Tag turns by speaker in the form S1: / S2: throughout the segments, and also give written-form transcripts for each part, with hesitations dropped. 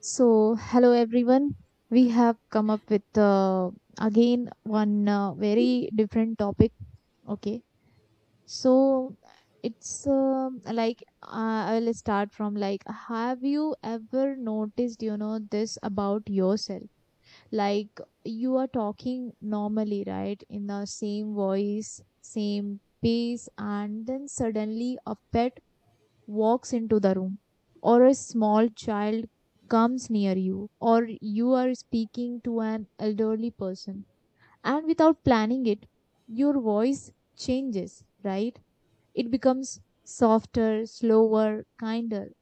S1: So, hello everyone. We have come up with again one very different topic. Okay. So, it's like I will start from like, have you ever noticed, you know, this about yourself? Like, you are talking normally, right? In the same voice, same pace, and then suddenly a pet walks into the room, or a small child comes near you, or you are speaking to an elderly person, and without planning it, your voice changes, right? It becomes softer, slower, kinder.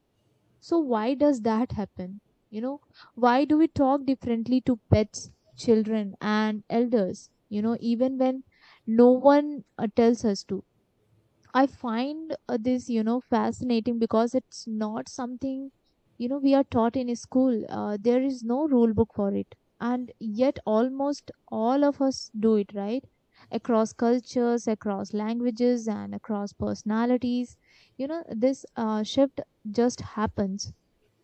S1: So, why does that happen? You know, why do we talk differently to pets, children, and elders? You know, even when no one tells us to. I find this, you know, fascinating because it's not something, you know, we are taught in school. There is no rule book for it. And yet, almost all of us do it, right? Across cultures, across languages, and across personalities. You know, this shift just happens.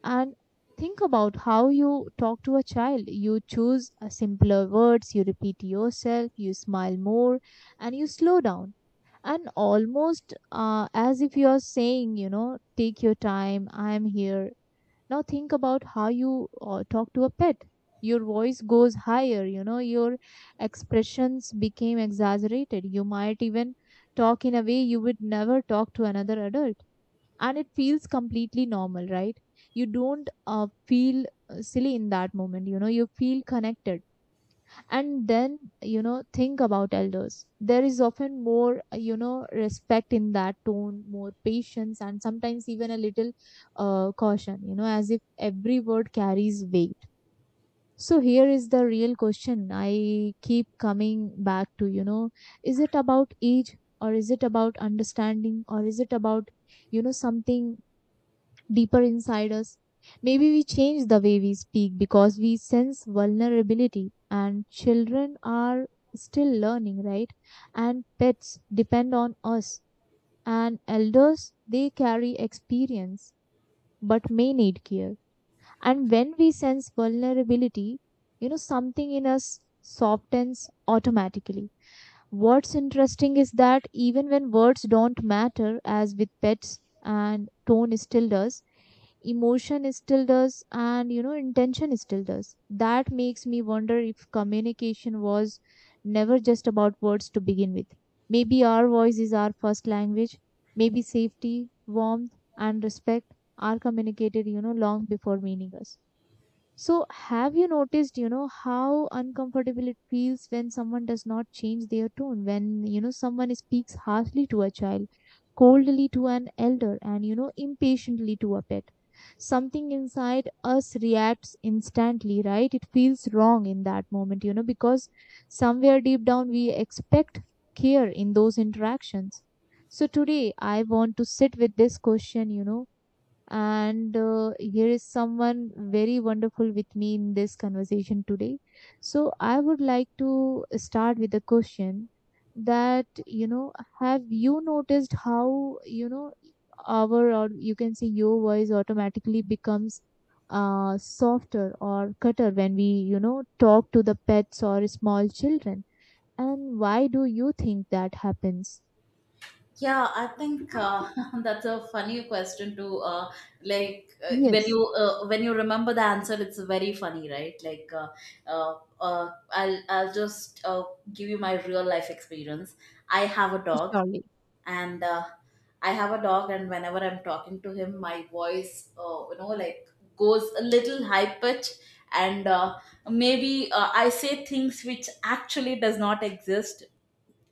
S1: And think about how you talk to a child. You choose simpler words, you repeat yourself, you smile more, and you slow down and almost as if you're saying, you know, take your time, I am here. Now think about how you talk to a pet. Your voice goes higher, you know, your expressions became exaggerated. You might even talk in a way you would never talk to another adult, and it feels completely normal, right? You don't feel silly in that moment, you know, you feel connected. And then, you know, think about elders. There is often more you know, respect in that tone, more patience, and sometimes even a little caution, you know, as if every word carries weight. So here is the real question I keep coming back to, you know. Is it about age, or is it about understanding, or is it about, you know, something deeper inside us? Maybe we change the way we speak because we sense vulnerability, and children are still learning, right? And pets depend on us, and elders, they carry experience but may need care. And when we sense vulnerability, you know, something in us softens automatically. What's interesting is that even when words don't matter, as with pets, and tone still does, emotion still does, and, you know, intention still does. That makes me wonder if communication was never just about words to begin with. Maybe our voice is our first language. Maybe safety, warmth, and respect are communicated, you know, long before meaning us. So, have you noticed, you know, how uncomfortable it feels when someone does not change their tone, when, you know, someone speaks harshly to a child, coldly to an elder, and, you know, impatiently to a pet? Something inside us reacts instantly, right? It feels wrong in that moment, you know, because somewhere deep down we expect care in those interactions. So, today I want to sit with this question, you know, and here is someone very wonderful with me in this conversation today. So I would like to start with a question that, you know, have you noticed how, you know, our or you can say your voice automatically becomes softer or cutter when we, you know, talk to the pets or small children, and why do you think that happens?
S2: Yeah, I think that's a funny question to
S1: Yes,
S2: when you remember the answer, it's very funny, right? I'll just give you my real life experience. I have a dog,
S1: surely.
S2: and uh, and whenever I'm talking to him, my voice, goes a little high pitch, and maybe I say things which actually does not exist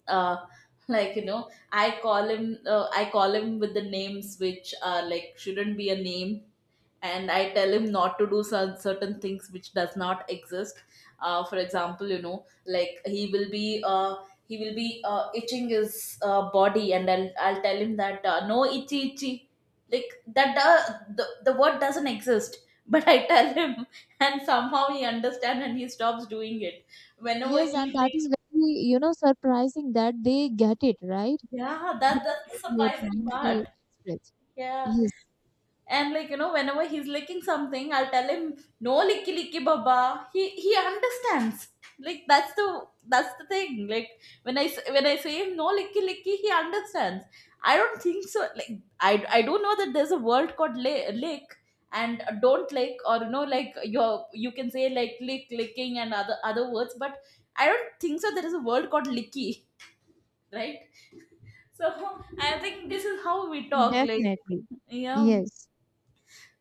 S2: uh, like, I call him, I call him with the names which are like shouldn't be a name, and I tell him not to do certain things which does not exist. For example, like he will be itching his body, and I'll tell him that, no itchy itchy. Like, that, the word doesn't exist, but I tell him, and somehow he understands and he stops doing it, whenever
S1: Yes,
S2: he
S1: and that
S2: like.
S1: is very, you know, surprising that they get it, right?
S2: Yeah, that
S1: Get it
S2: that's
S1: what
S2: the
S1: you are
S2: surprising
S1: trying to
S2: part.
S1: express.
S2: Yeah.
S1: Yes.
S2: And, like, you know, whenever he's licking something, I'll tell him, no licky licky baba. He understands. Like, that's the thing. Like, when I when I say him, no licky licky, he understands. I don't think so. Like, I do know that there's a word called lick, and don't lick, or, you know, like, your, you can say like lick, licking, and other words, but I don't think so. There is a word called licky, right? So, I think this is how we talk. Like,
S1: Definitely.
S2: yeah,
S1: Yes.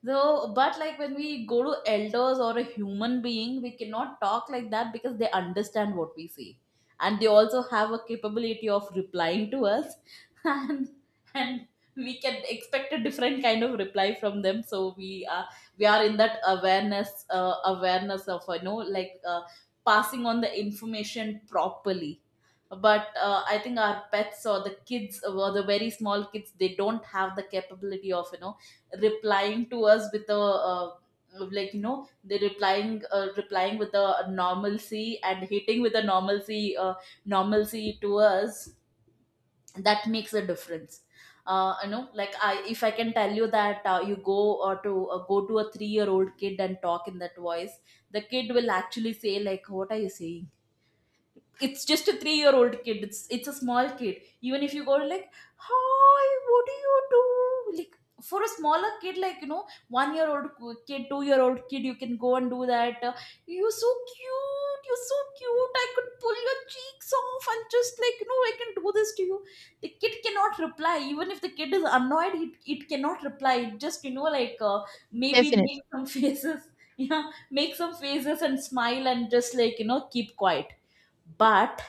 S2: so, but like, when we go to elders or a human being, we cannot talk like that because they understand what we say, and they also have a capability of replying to us, and and we can expect a different kind of reply from them. So we are, we are in that awareness, awareness of, you know, like, passing on the information properly. But I think our pets, or the kids, or the very small kids, they don't have the capability of, you know, replying to us with a, like you know they're replying replying with a normalcy, and hitting with a normalcy, normalcy to us, that makes a difference. You know, like, I if I can tell you that, you go to go to a 3-year-old kid and talk in that voice, the kid will actually say like, what are you saying? It's just a 3 year old kid, it's a small kid. Even if you go like, hi, what do you do? Like, for a smaller kid, like, you know, 1 year old kid, 2 year old kid, you can go and do that. You're so cute, you're so cute, I could pull your cheeks off, and just, like you know, I can do this to you. The kid cannot reply, even if the kid is annoyed, it cannot reply. It just, you know, like maybe
S1: Definitely.
S2: make some faces. Yeah, make some faces, and smile, and just, like you know, keep quiet. But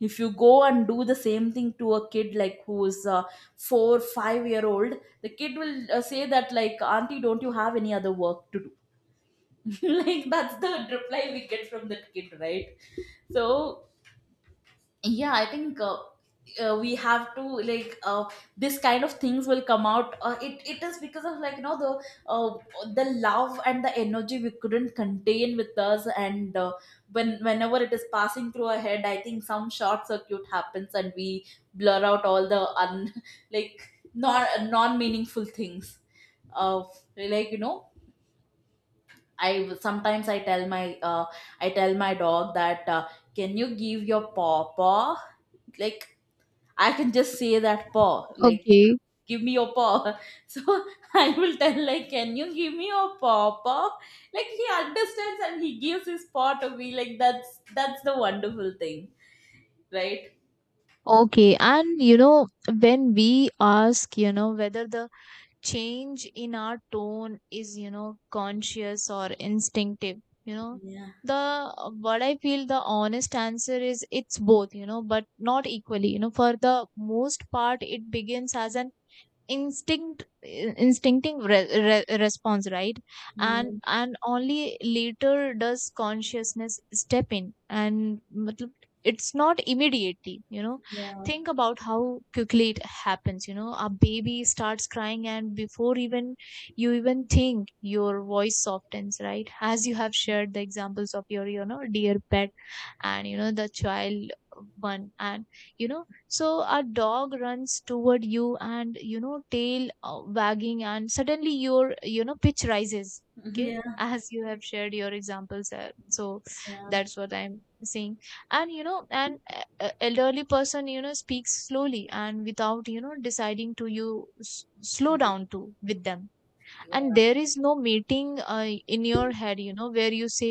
S2: if you go and do the same thing to a kid like who's, 4 5 year old, the kid will, say that like, auntie, don't you have any other work to do? Like, that's the reply we get from that kid, right? So, yeah, I think, we have to like, this kind of things will come out, it it is because of, like, you know, the, uh, the love and the energy we couldn't contain with us, and, when, whenever it is passing through our head, I think some short circuit happens, and we blur out all the un like, non meaningful things, of, like, you know, I, sometimes I tell my, I tell my dog that, can you give your paw paw? Like, I can just say that, paw, like,
S1: Okay,
S2: give me your paw. So I will tell, like, can you give me your paw, paw? Like, he understands and he gives his paw to me. Like, that's the wonderful thing, right?
S1: okay. And you know, when we ask, you know, whether the change in our tone is, you know, conscious or instinctive, you know,
S2: Yeah,
S1: the what I feel, the honest answer is it's both, you know, but not equally. You know, for the most part, it begins as an instinctive response, right?
S2: yeah,
S1: And only later does consciousness step in, and matlab, it's not immediately, you know.
S2: yeah,
S1: Think about how quickly it happens, you know. A baby starts crying, and before even you even think, your voice softens, right? As you have shared the examples of your, you know, dear pet, and, you know, the child one. And, you know, so a dog runs toward you, and, you know, tail wagging, and suddenly your, you know, pitch rises. Okay,
S2: yeah,
S1: as you have shared your examples there, so
S2: yeah,
S1: that's what I'm saying. And, you know, an elderly person, you know, speaks slowly, and without, you know, deciding to, you slow down to with them.
S2: yeah, yeah,
S1: And
S2: yeah,
S1: there is no meeting in your head, you know, where you say,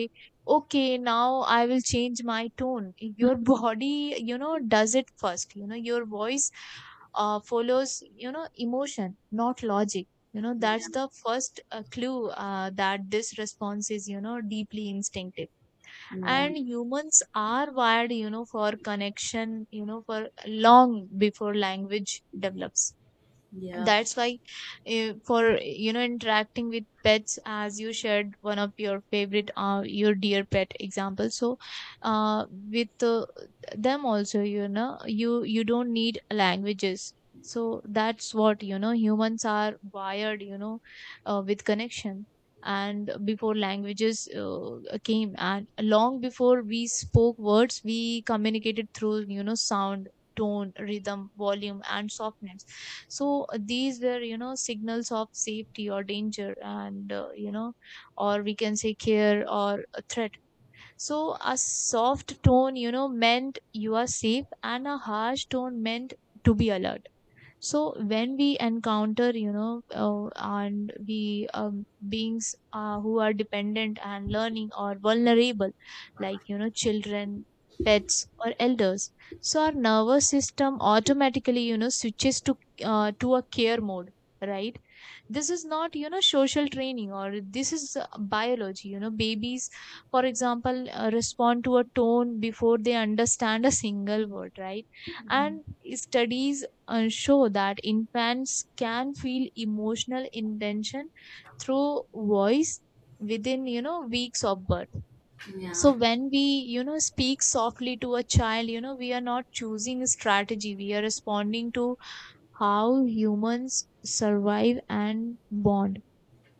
S1: okay, now I will change my tone. Your body, you know, does it first. You know, your voice follows, you know, emotion, not logic. You know, that's the first clue that this response is, you know, deeply instinctive.
S2: yeah, yeah, yeah, yeah,
S1: And humans are wired, you know, for connection, you know, for long before language develops.
S2: yeah,
S1: That's why for, you know, interacting with pets, as you shared one of your favorite your dear pet example, so with them also, you know, you don't need languages. So that's what, you know, humans are wired, you know, with connection. And before languages came, and long before we spoke words, we communicated through, you know, sound, tone, rhythm, volume, and softness. So these were, you know, signals of safety or danger, and you know, or we can say, care or a threat. So a soft tone, you know, meant you are safe, and a harsh tone meant to be alert. So when we encounter, you know, and we beings who are dependent and learning or vulnerable, like, you know, children, pets, or elders, so our nervous system automatically, you know, switches to a care mode, right? This is not, you know, social training, or this is biology. You know, babies, for example, respond to a tone before they understand a single word, right? And studies and show that infants can feel emotional intention through voice within, you know, weeks of birth. So when we, you know, speak softly to a child, you know, we are not choosing a strategy, we are responding to how humans survive and bond.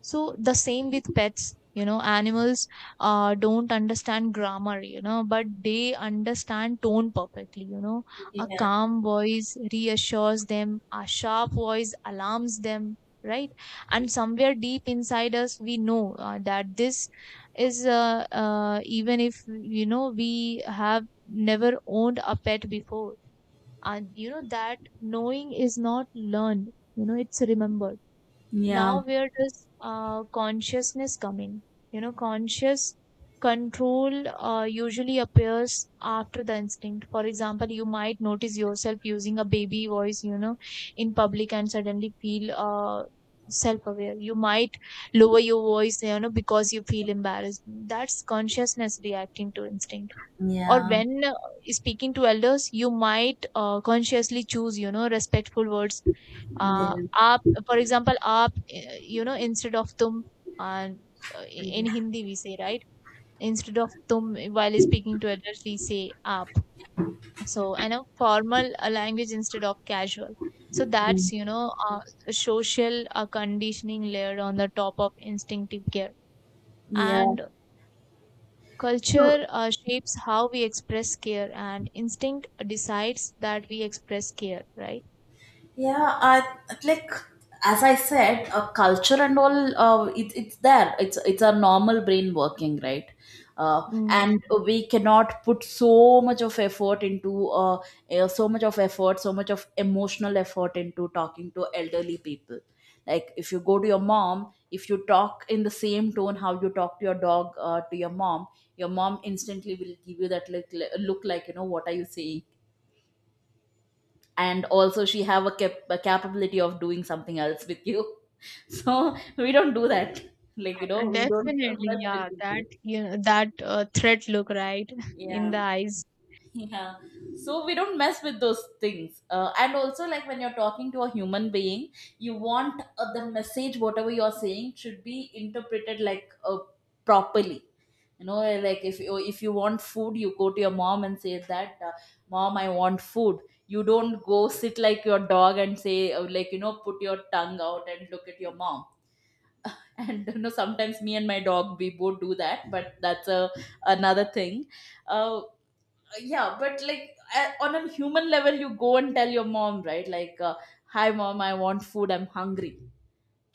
S1: So the same with pets, you know, animals don't understand grammar, you know, but they understand tone perfectly, you know. A calm voice reassures them, a sharp voice alarms them, right? And somewhere deep inside us, we know that this is, even if, you know, we have never owned a pet before. And you know, that knowing is not learned, you know, it's remembered. Now, where does consciousness come in? You know, conscious control usually appears after the instinct. For example, you might notice yourself using a baby voice, you know, in public and suddenly feel self-aware. You might lower your voice, you know, because you feel embarrassed. That's consciousness reacting to instinct. Or when speaking to elders, you might consciously choose, you know, respectful words. uh, Aap, for example. Aap, you know, instead of tum. And in Hindi we say, right, instead of tum while speaking to elders, we say aap. So, and a formal language instead of casual. So that's, you know, uh, a social conditioning layer on the top of instinctive care.
S2: yeah. Yeah.
S1: And
S2: So,
S1: culture shapes how we express care, and instinct decides that we express care, right?
S2: yeah, I, like, as I said, culture and all. It's there. It's a normal brain working, right?
S1: Yes,
S2: And we cannot put so much of effort into, so much of effort, so much of emotional effort into talking to elderly people. Like, if you go to your mom, if you talk in the same tone how you talk to your dog, to your mom instantly will give you that look. Look, like, you know, what are you saying? And also, she have a, a capability of doing something else with you, so we don't do that. Like, you know, we don't,
S1: definitely.
S2: mess with
S1: Yeah,
S2: people.
S1: that, you know, that threat look, right
S2: Yeah.
S1: in the eyes.
S2: Yeah. So we don't mess with those things. And also, like, when you're talking to a human being, you want, the message, whatever you're saying, should be interpreted like, properly, you know. Like, if you, if you want food, you go to your mom and say that, mom, I want food. You don't go sit like your dog and say, like, you know, put your tongue out and look at your mom. And, you know, sometimes me and my dog, we both do that, but that's a, another thing. uh, yeah, but like, on a human level, you go and tell your mom, right, like, hi, mom, I want food, I'm hungry,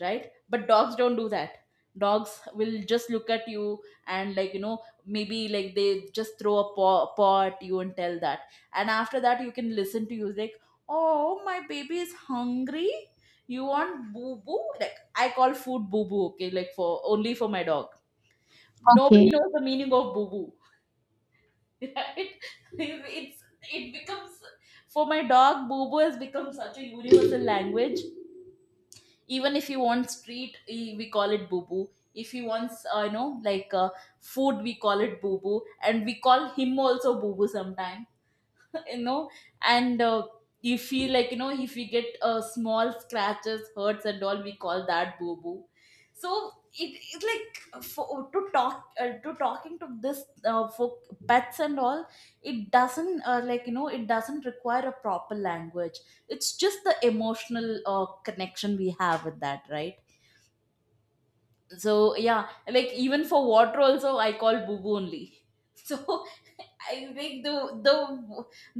S2: right? But dogs don't do that. Dogs will just look at you, and, like, you know, maybe, like, they just throw a paw, paw at you and tell that. And after that you can listen to you like, oh, my baby is hungry, you want boo boo. Like, I call food boo boo, okay? Like, for, only for my dog, nobody
S1: Okay.
S2: knows the meaning of boo boo. Right, it's, it becomes, for my dog boo boo has become such a universal language. Even if you want street, eh, we call it boo boo. If he wants, you know, like, food, we call it boo boo, and we call him also boo boo sometime. You know. And, you feel like, you know, if we get, small scratches, hurts and all, we call that boo boo. So it like, for, to talk, to talking to this, for pets and all, it doesn't, like, you know, it doesn't require a proper language. It's just the emotional, connection we have with that, right? So yeah, like, even for water also, I call boo only, so I think the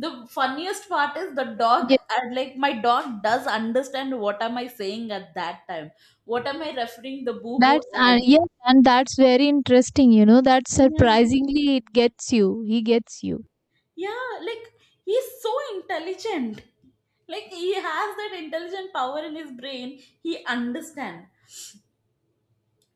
S2: the funniest part is the dog,
S1: Yes,
S2: and like, my dog does understand what am I saying at that time, what am I referring the boo boo
S1: that's
S2: as.
S1: yes, and that's very interesting. You know that
S2: Yeah.
S1: surprisingly it gets you. He gets you.
S2: Yeah, like, he's so intelligent. Like, he has that intelligent power in his brain, he understand.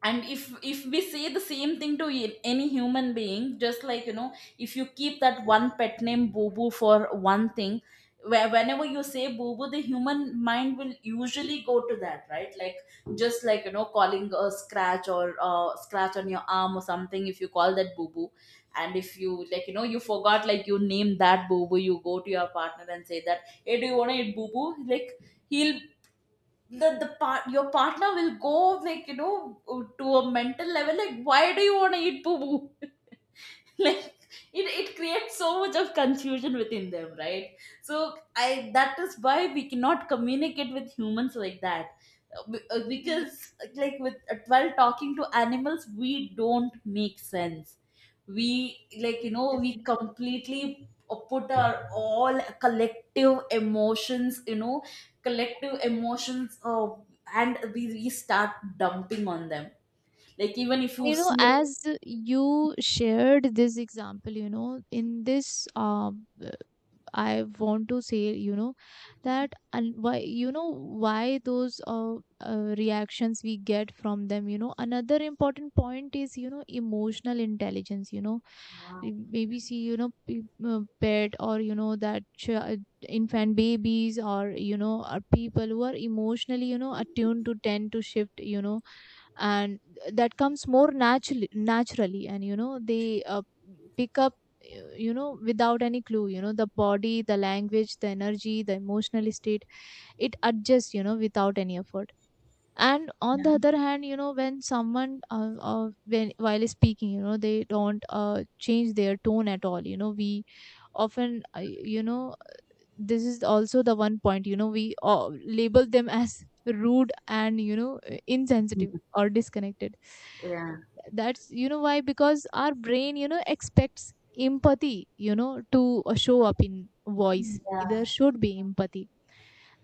S2: And if we say the same thing to any human being, just, like you know, if you keep that one pet name boo boo for one thing, where, whenever you say boo boo, the human mind will usually go to that, right? Like, just, like you know, calling a scratch, or, scratch on your arm or something, if you call that boo boo. And if you, like, you know, you forgot, like, you name that boo boo, you go to your partner and say that, hey, do you want to eat boo boo? Like, he'll, the part, your partner will go, like, you know, to a mental level, like, why do you want to eat poo poo? Like, it creates so much of confusion within them, right? So I, that is why we cannot communicate with humans like that. Uh, be- uh,
S1: Yes,
S2: because like, with, while talking to animals, we don't make sense. We, like, you know, we
S1: definitely.
S2: completely, put our all collective emotions, you know, collective emotions, and we start dumping on them. Like, even if
S1: And,
S2: you
S1: you know,
S2: see a,
S1: as you shared this example, you know, in this, I want to say, you know, that, and why, you know, why those reactions we get from them. You know, another important point is, you know, emotional intelligence. Maybe see pet, or infant babies, or are people who are emotionally attuned to tend to shift, and that comes more naturally. And they pick up, without any clue, the body, the language, the energy, the emotional state. It adjusts without any effort. And on the other hand, when while speaking, they don't change their tone at all. We often, this is also the one point, we label them as rude and insensitive or disconnected.
S2: yeah,
S1: That's why, because our brain expects empathy to show up in voice.
S2: yeah.
S1: There should be empathy.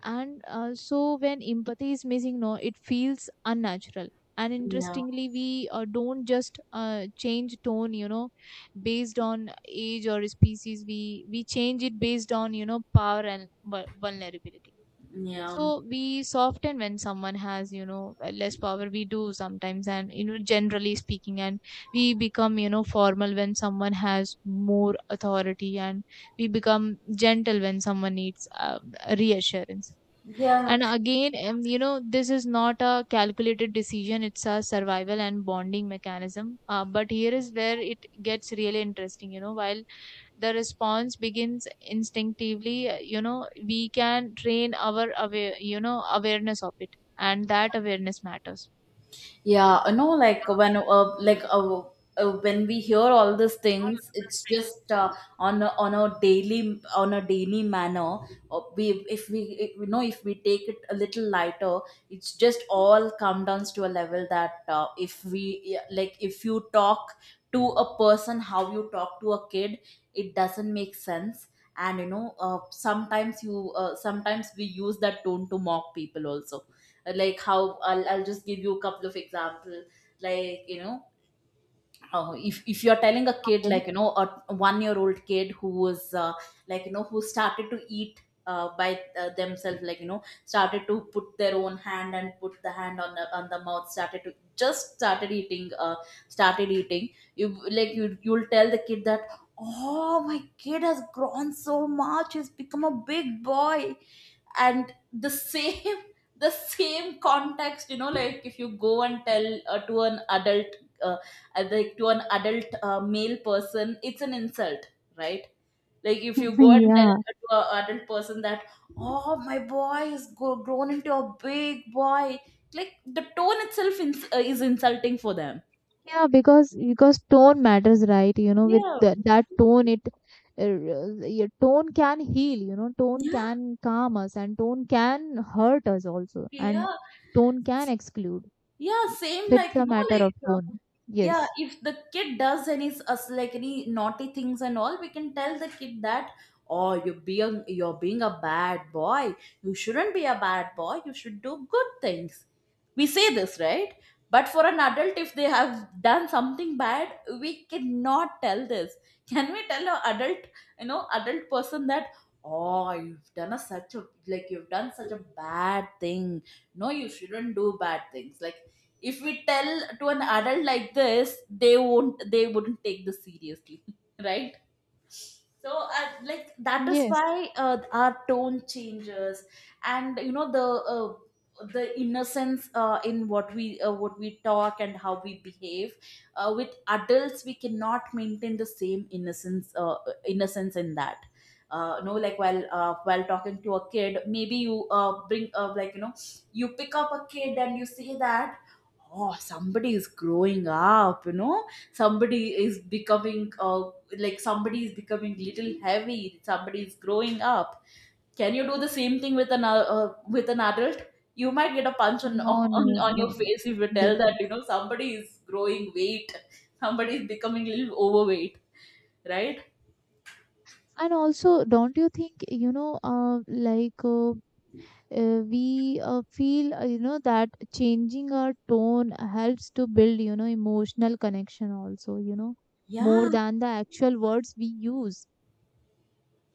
S1: And also, when empathy is missing, no, it feels unnatural. And
S2: Yeah.
S1: interestingly, we don't just change tone based on age or species. We change it based on power and vulnerability.
S2: Yeah.
S1: So we soften when someone has less power, we do sometimes, and generally speaking. And we become formal when someone has more authority, and we become gentle when someone needs reassurance.
S2: Yeah.
S1: And again, this is not a calculated decision, it's a survival and bonding mechanism. But here is where it gets really interesting, while the response begins instinctively, we can train our awareness of it, and that awareness matters.
S2: Yeah, I know, like, when, when we hear all these
S1: All
S2: things, it's just, on a, on a daily manner. We if, we if, you know, if we take it a little lighter, it's just all come down to a level that, if we, yeah, like, if you talk to a person how you talk to a kid, it doesn't make sense. And sometimes you sometimes we use that tone to mock people also. Like how I'll just give you a couple of example, like you know if you're telling a kid,
S1: right.
S2: like you know, a 1 year old kid who was like you know, who started to eat by themselves, like you know, started to put their own hand and put the hand on the mouth, started to just started eating, started eating. You you'll tell the kid that, oh, my kid has grown so much, he's become a big boy. And the same the same context, you know, like if you go and tell to an adult, uh, like to an adult male person, it's an insult, right? Like if you go and tell
S1: yeah.
S2: to an adult person that, oh, my boy is grown into a big boy, like the tone itself is insulting for them.
S1: Yeah, because tone matters, right? With
S2: Yeah,
S1: that tone, it uh, your tone can heal. Tone
S2: yeah,
S1: can calm us, and tone can hurt us also, and
S2: yeah.
S1: tone can exclude.
S2: Yeah, same,
S1: So it's a matter of tone.
S2: yeah,
S1: Yes.
S2: if the kid does any s- us like any naughty things and all, we can tell the kid that, oh, you're being a bad boy. You shouldn't be a bad boy. You should do good things. We say this, right? But for an adult, if they have done something bad, we cannot tell this. Can we tell an adult, you know, adult person that, oh, you've done a such a you've done such a bad thing, no, you shouldn't do bad things? Like if we tell to an adult like this, they wouldn't take this seriously, right? So, like that is
S1: Yes.
S2: why our tone changes, and you know, the innocence in what we talk and how we behave. With adults, we cannot maintain the same innocence, innocence in that. No, like while talking to a kid, maybe you bring like you know, you pick up a kid and you say that, oh, somebody is growing up, you know, somebody is becoming like somebody is becoming little heavy, somebody is growing up. Can you do the same thing with an adult? You might get a punch on,
S1: No.
S2: on
S1: No.
S2: on your
S1: No. No.
S2: face if you tell that,
S1: Different.
S2: you know, somebody is growing weight, somebody is becoming a little overweight, right?
S1: And also, don't you think? We feel that changing our tone helps to build emotional connection also, more
S2: Yeah.
S1: than the actual words we use.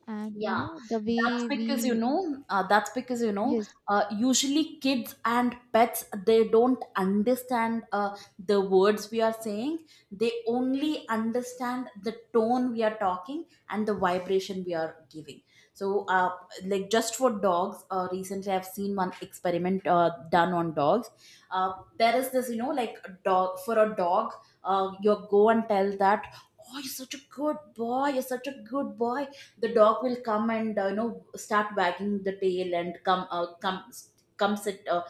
S1: And
S2: Yeah,
S1: the
S2: that's
S1: way
S2: because you
S1: we—
S2: know, that's because you know,
S1: yes,
S2: usually kids and pets, they don't understand the words we are saying. They only understand the tone we are talking and the vibration we are giving. So, like just for dogs, recently I've seen one experiment done on dogs. Uh, there is this, you know, like a dog, for a dog, you go and tell that, oh, you're such a good boy, you're such a good boy, the dog will come and you know, start wagging the tail and come sit, uh,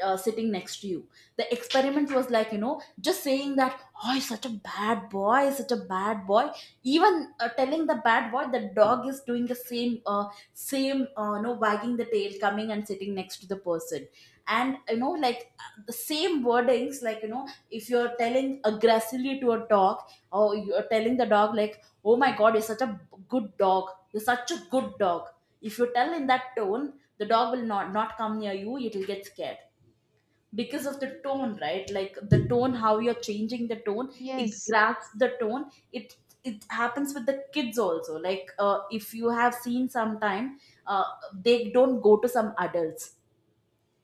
S2: uh, sitting next to you. The experiment was, like you know, just saying that, oh, he's such a bad boy, he's such a bad boy, even telling the bad boy, the dog is doing the same, you know, wagging the tail, coming and sitting next to the person. And you know, like the same wordings, like you know, if you're telling aggressively to a dog, or you're telling the dog like, oh my God, you're such a good dog, you're such a good dog, if you tell in that tone, the dog will not come near you. It will get scared because of the tone, right? Like the tone, how you're changing the tone, it
S1: yes,
S2: grabs the tone. It happens with the kids also. Like if you have seen sometime, uh, they don't go to some adults,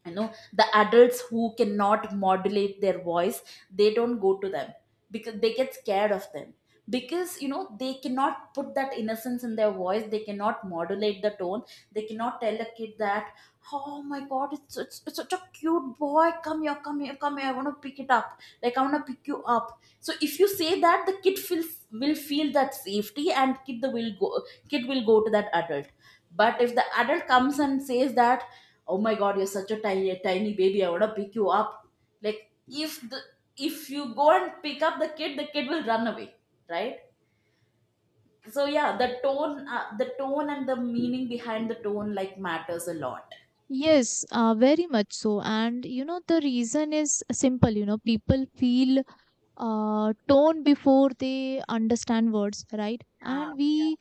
S2: you know, the adults who cannot modulate their voice, they don't go to them, because they get scared of them, because you know, they cannot put that innocence in their voice, they cannot modulate the tone, they cannot tell a kid that, oh my god, it's such a cute boy, come here, come here, come here, I want to pick it up, like I want to pick you up. So if you say that, the kid feels will feel that safety, and kid will go to that adult. But if the adult comes and says that, oh my god, you're such a tiny tiny baby, I want to pick you up, like if the, if you go and pick up the kid, the kid will run away, right? So yeah, the tone, the tone and the meaning behind the tone, like, matters a lot.
S1: yes, very much so. And the reason is simple, people feel tone before they understand words, right?
S2: Ah,
S1: And
S2: yeah.
S1: we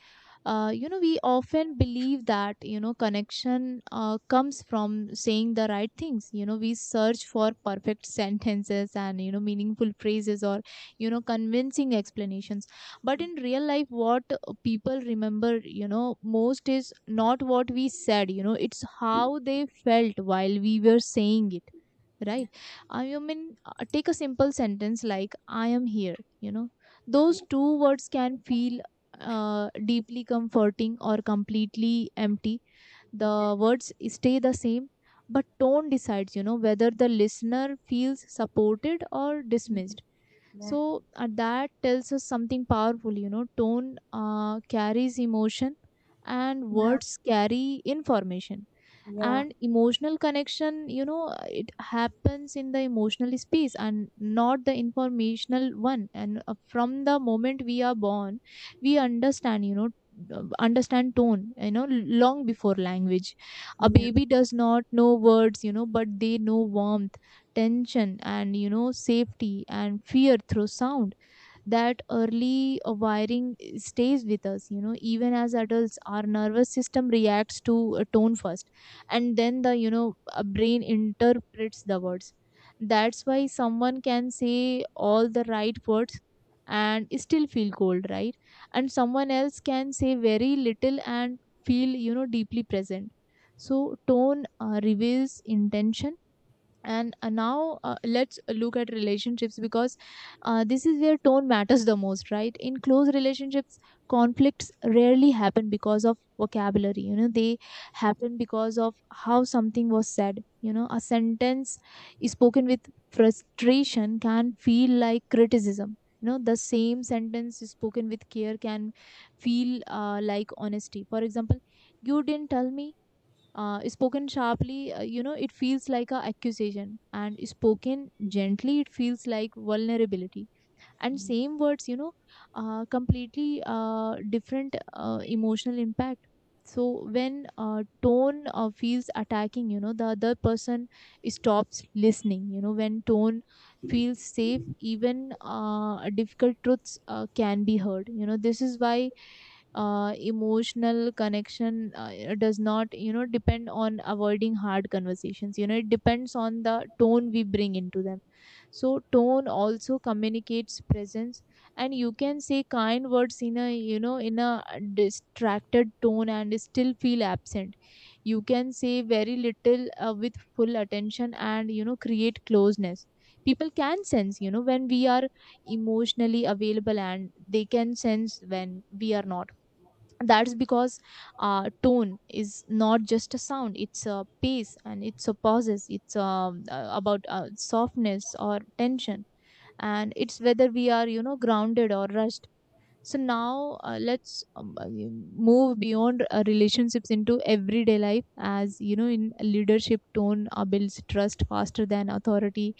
S1: we often believe that connection comes from saying the right things. We search for perfect sentences and meaningful phrases, or convincing explanations. But in real life, what people remember most is not what we said, it's how they felt while we were saying it, right? I mean, take a simple sentence like, I am here. Those
S2: Yeah,
S1: two words can feel deeply comforting or completely empty. The words stay the same, but tone decides whether the listener feels supported or dismissed.
S2: yeah,
S1: So, that tells us something powerful: tone carries emotion, and words carry information.
S2: yeah,
S1: And emotional connection, it happens in the emotional space and not the informational one. And from the moment we are born, we understand tone long before language. A
S2: yeah,
S1: baby does not know words, but they know warmth, tension, and safety and fear through sound. That early wiring stays with us, even as adults our nervous system reacts to a tone first, and then the brain interprets the words. That's why someone can say all the right words and still feel cold, right? And someone else can say very little and feel deeply present. So tone reveals intention. And now, let's look at relationships, because this is where tone matters the most, right? In close relationships, conflicts rarely happen because of vocabulary, they happen because of how something was said. A sentence spoken with frustration can feel like criticism, the same sentence spoken with care can feel like honesty. For example, you didn't tell me, spoken sharply, it feels like a accusation, and spoken gently it feels like vulnerability. And same words, completely different emotional impact. So when tone feels attacking, the other person stops listening. When tone feels safe, even difficult truths can be heard. This is why emotional connection it does not depend on avoiding hard conversations, it depends on the tone we bring into them. So tone also communicates presence, and you can say kind words in a distracted tone and still feel absent. You can say very little with full attention and create closeness. People can sense when we are emotionally available, and they can sense when we are not. That's because tone is not just a sound, it's a pace, and it's a pauses, it's about softness or tension, and it's whether we are grounded or rushed. So now, let's move beyond relationships into everyday life. As you know, in leadership, tone builds trust faster than authority.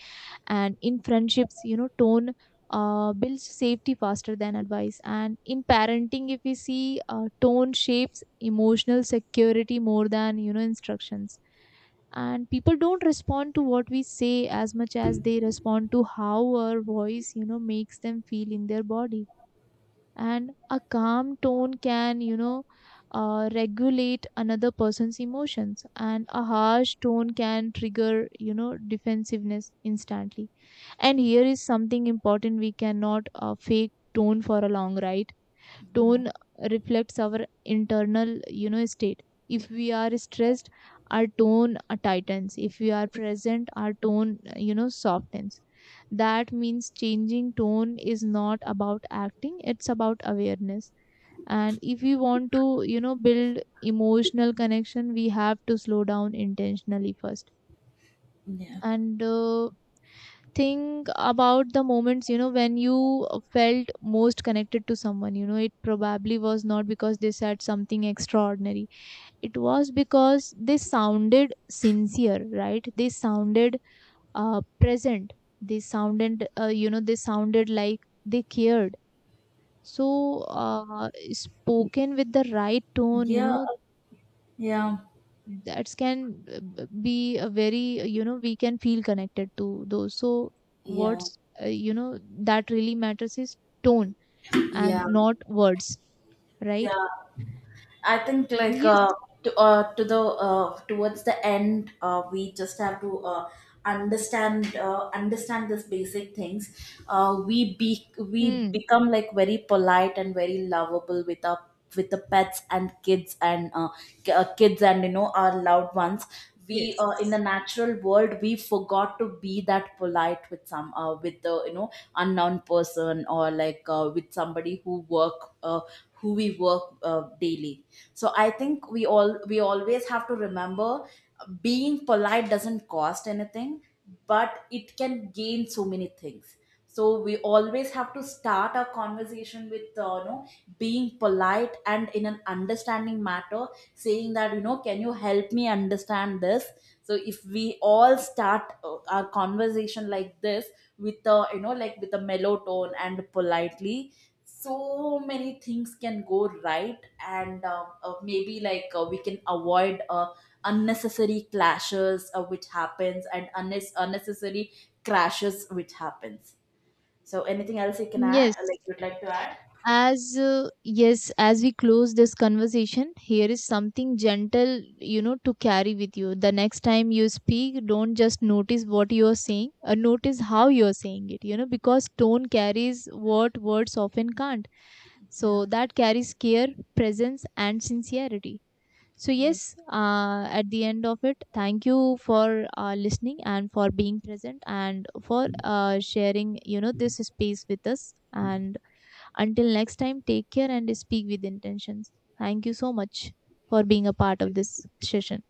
S1: And in friendships, tone builds safety faster than advice. And in parenting, if we see, tone shapes emotional security more than instructions. And people don't respond to what we say as much as they respond to how our voice makes them feel in their body. And a calm tone can regulate another person's emotions, and a harsh tone can trigger defensiveness instantly. And here is something important: we cannot fake tone for a long ride. Tone reflects our internal state. If we are stressed, our tone tightens. If we are present, our tone softens. That means changing tone is not about acting, it's about awareness. And if we want to, build emotional connection, we have to slow down intentionally first. And think about the moments when you felt most connected to someone. It probably was not because they said something extraordinary. It was because they sounded sincere, right? They sounded present, they sounded like they cared. So, spoken with the right tone,
S2: yeah, yeah, yeah,
S1: that can be a very you know we can feel connected to those. So
S2: yeah,
S1: what's that really matters is tone
S2: yeah,
S1: and not words, right?
S2: yeah. I think like,
S1: Yes.
S2: to the towards the end, we just have to understand these basic things. We
S1: Hmm,
S2: become like very polite and very lovable with our, with the pets and kids and kids and you know, our loved ones. We in the
S1: yes.
S2: natural world, we forgot to be that polite with some with the, you know, unknown person, or like with somebody who we work daily. So I think we always have to remember, being polite doesn't cost anything, but it can gain so many things. So we always have to start our conversation with, you know, being polite and in an understanding matter, saying that, you know, can you help me understand this? So if we all start our conversation like this, with a, you know, like with a mellow tone and politely, so many things can go right. And maybe like, we can avoid unnecessary clashes which happens, and unnecessary crashes which happens. So anything else you can add?
S1: yes
S2: Like you'd like to add?
S1: as uh, yes as we close this conversation, here is something gentle to carry with you: the next time you speak, don't just notice what you are saying, notice how you are saying it, because tone carries what words often can't.
S2: Yeah,
S1: So that carries care, presence, and sincerity. So, yes,
S2: yeah.
S1: at the end of it, thank you for listening and for being present and for sharing, this space with us. And until next time, take care and speak with intentions. Thank you so much for being a part of this session.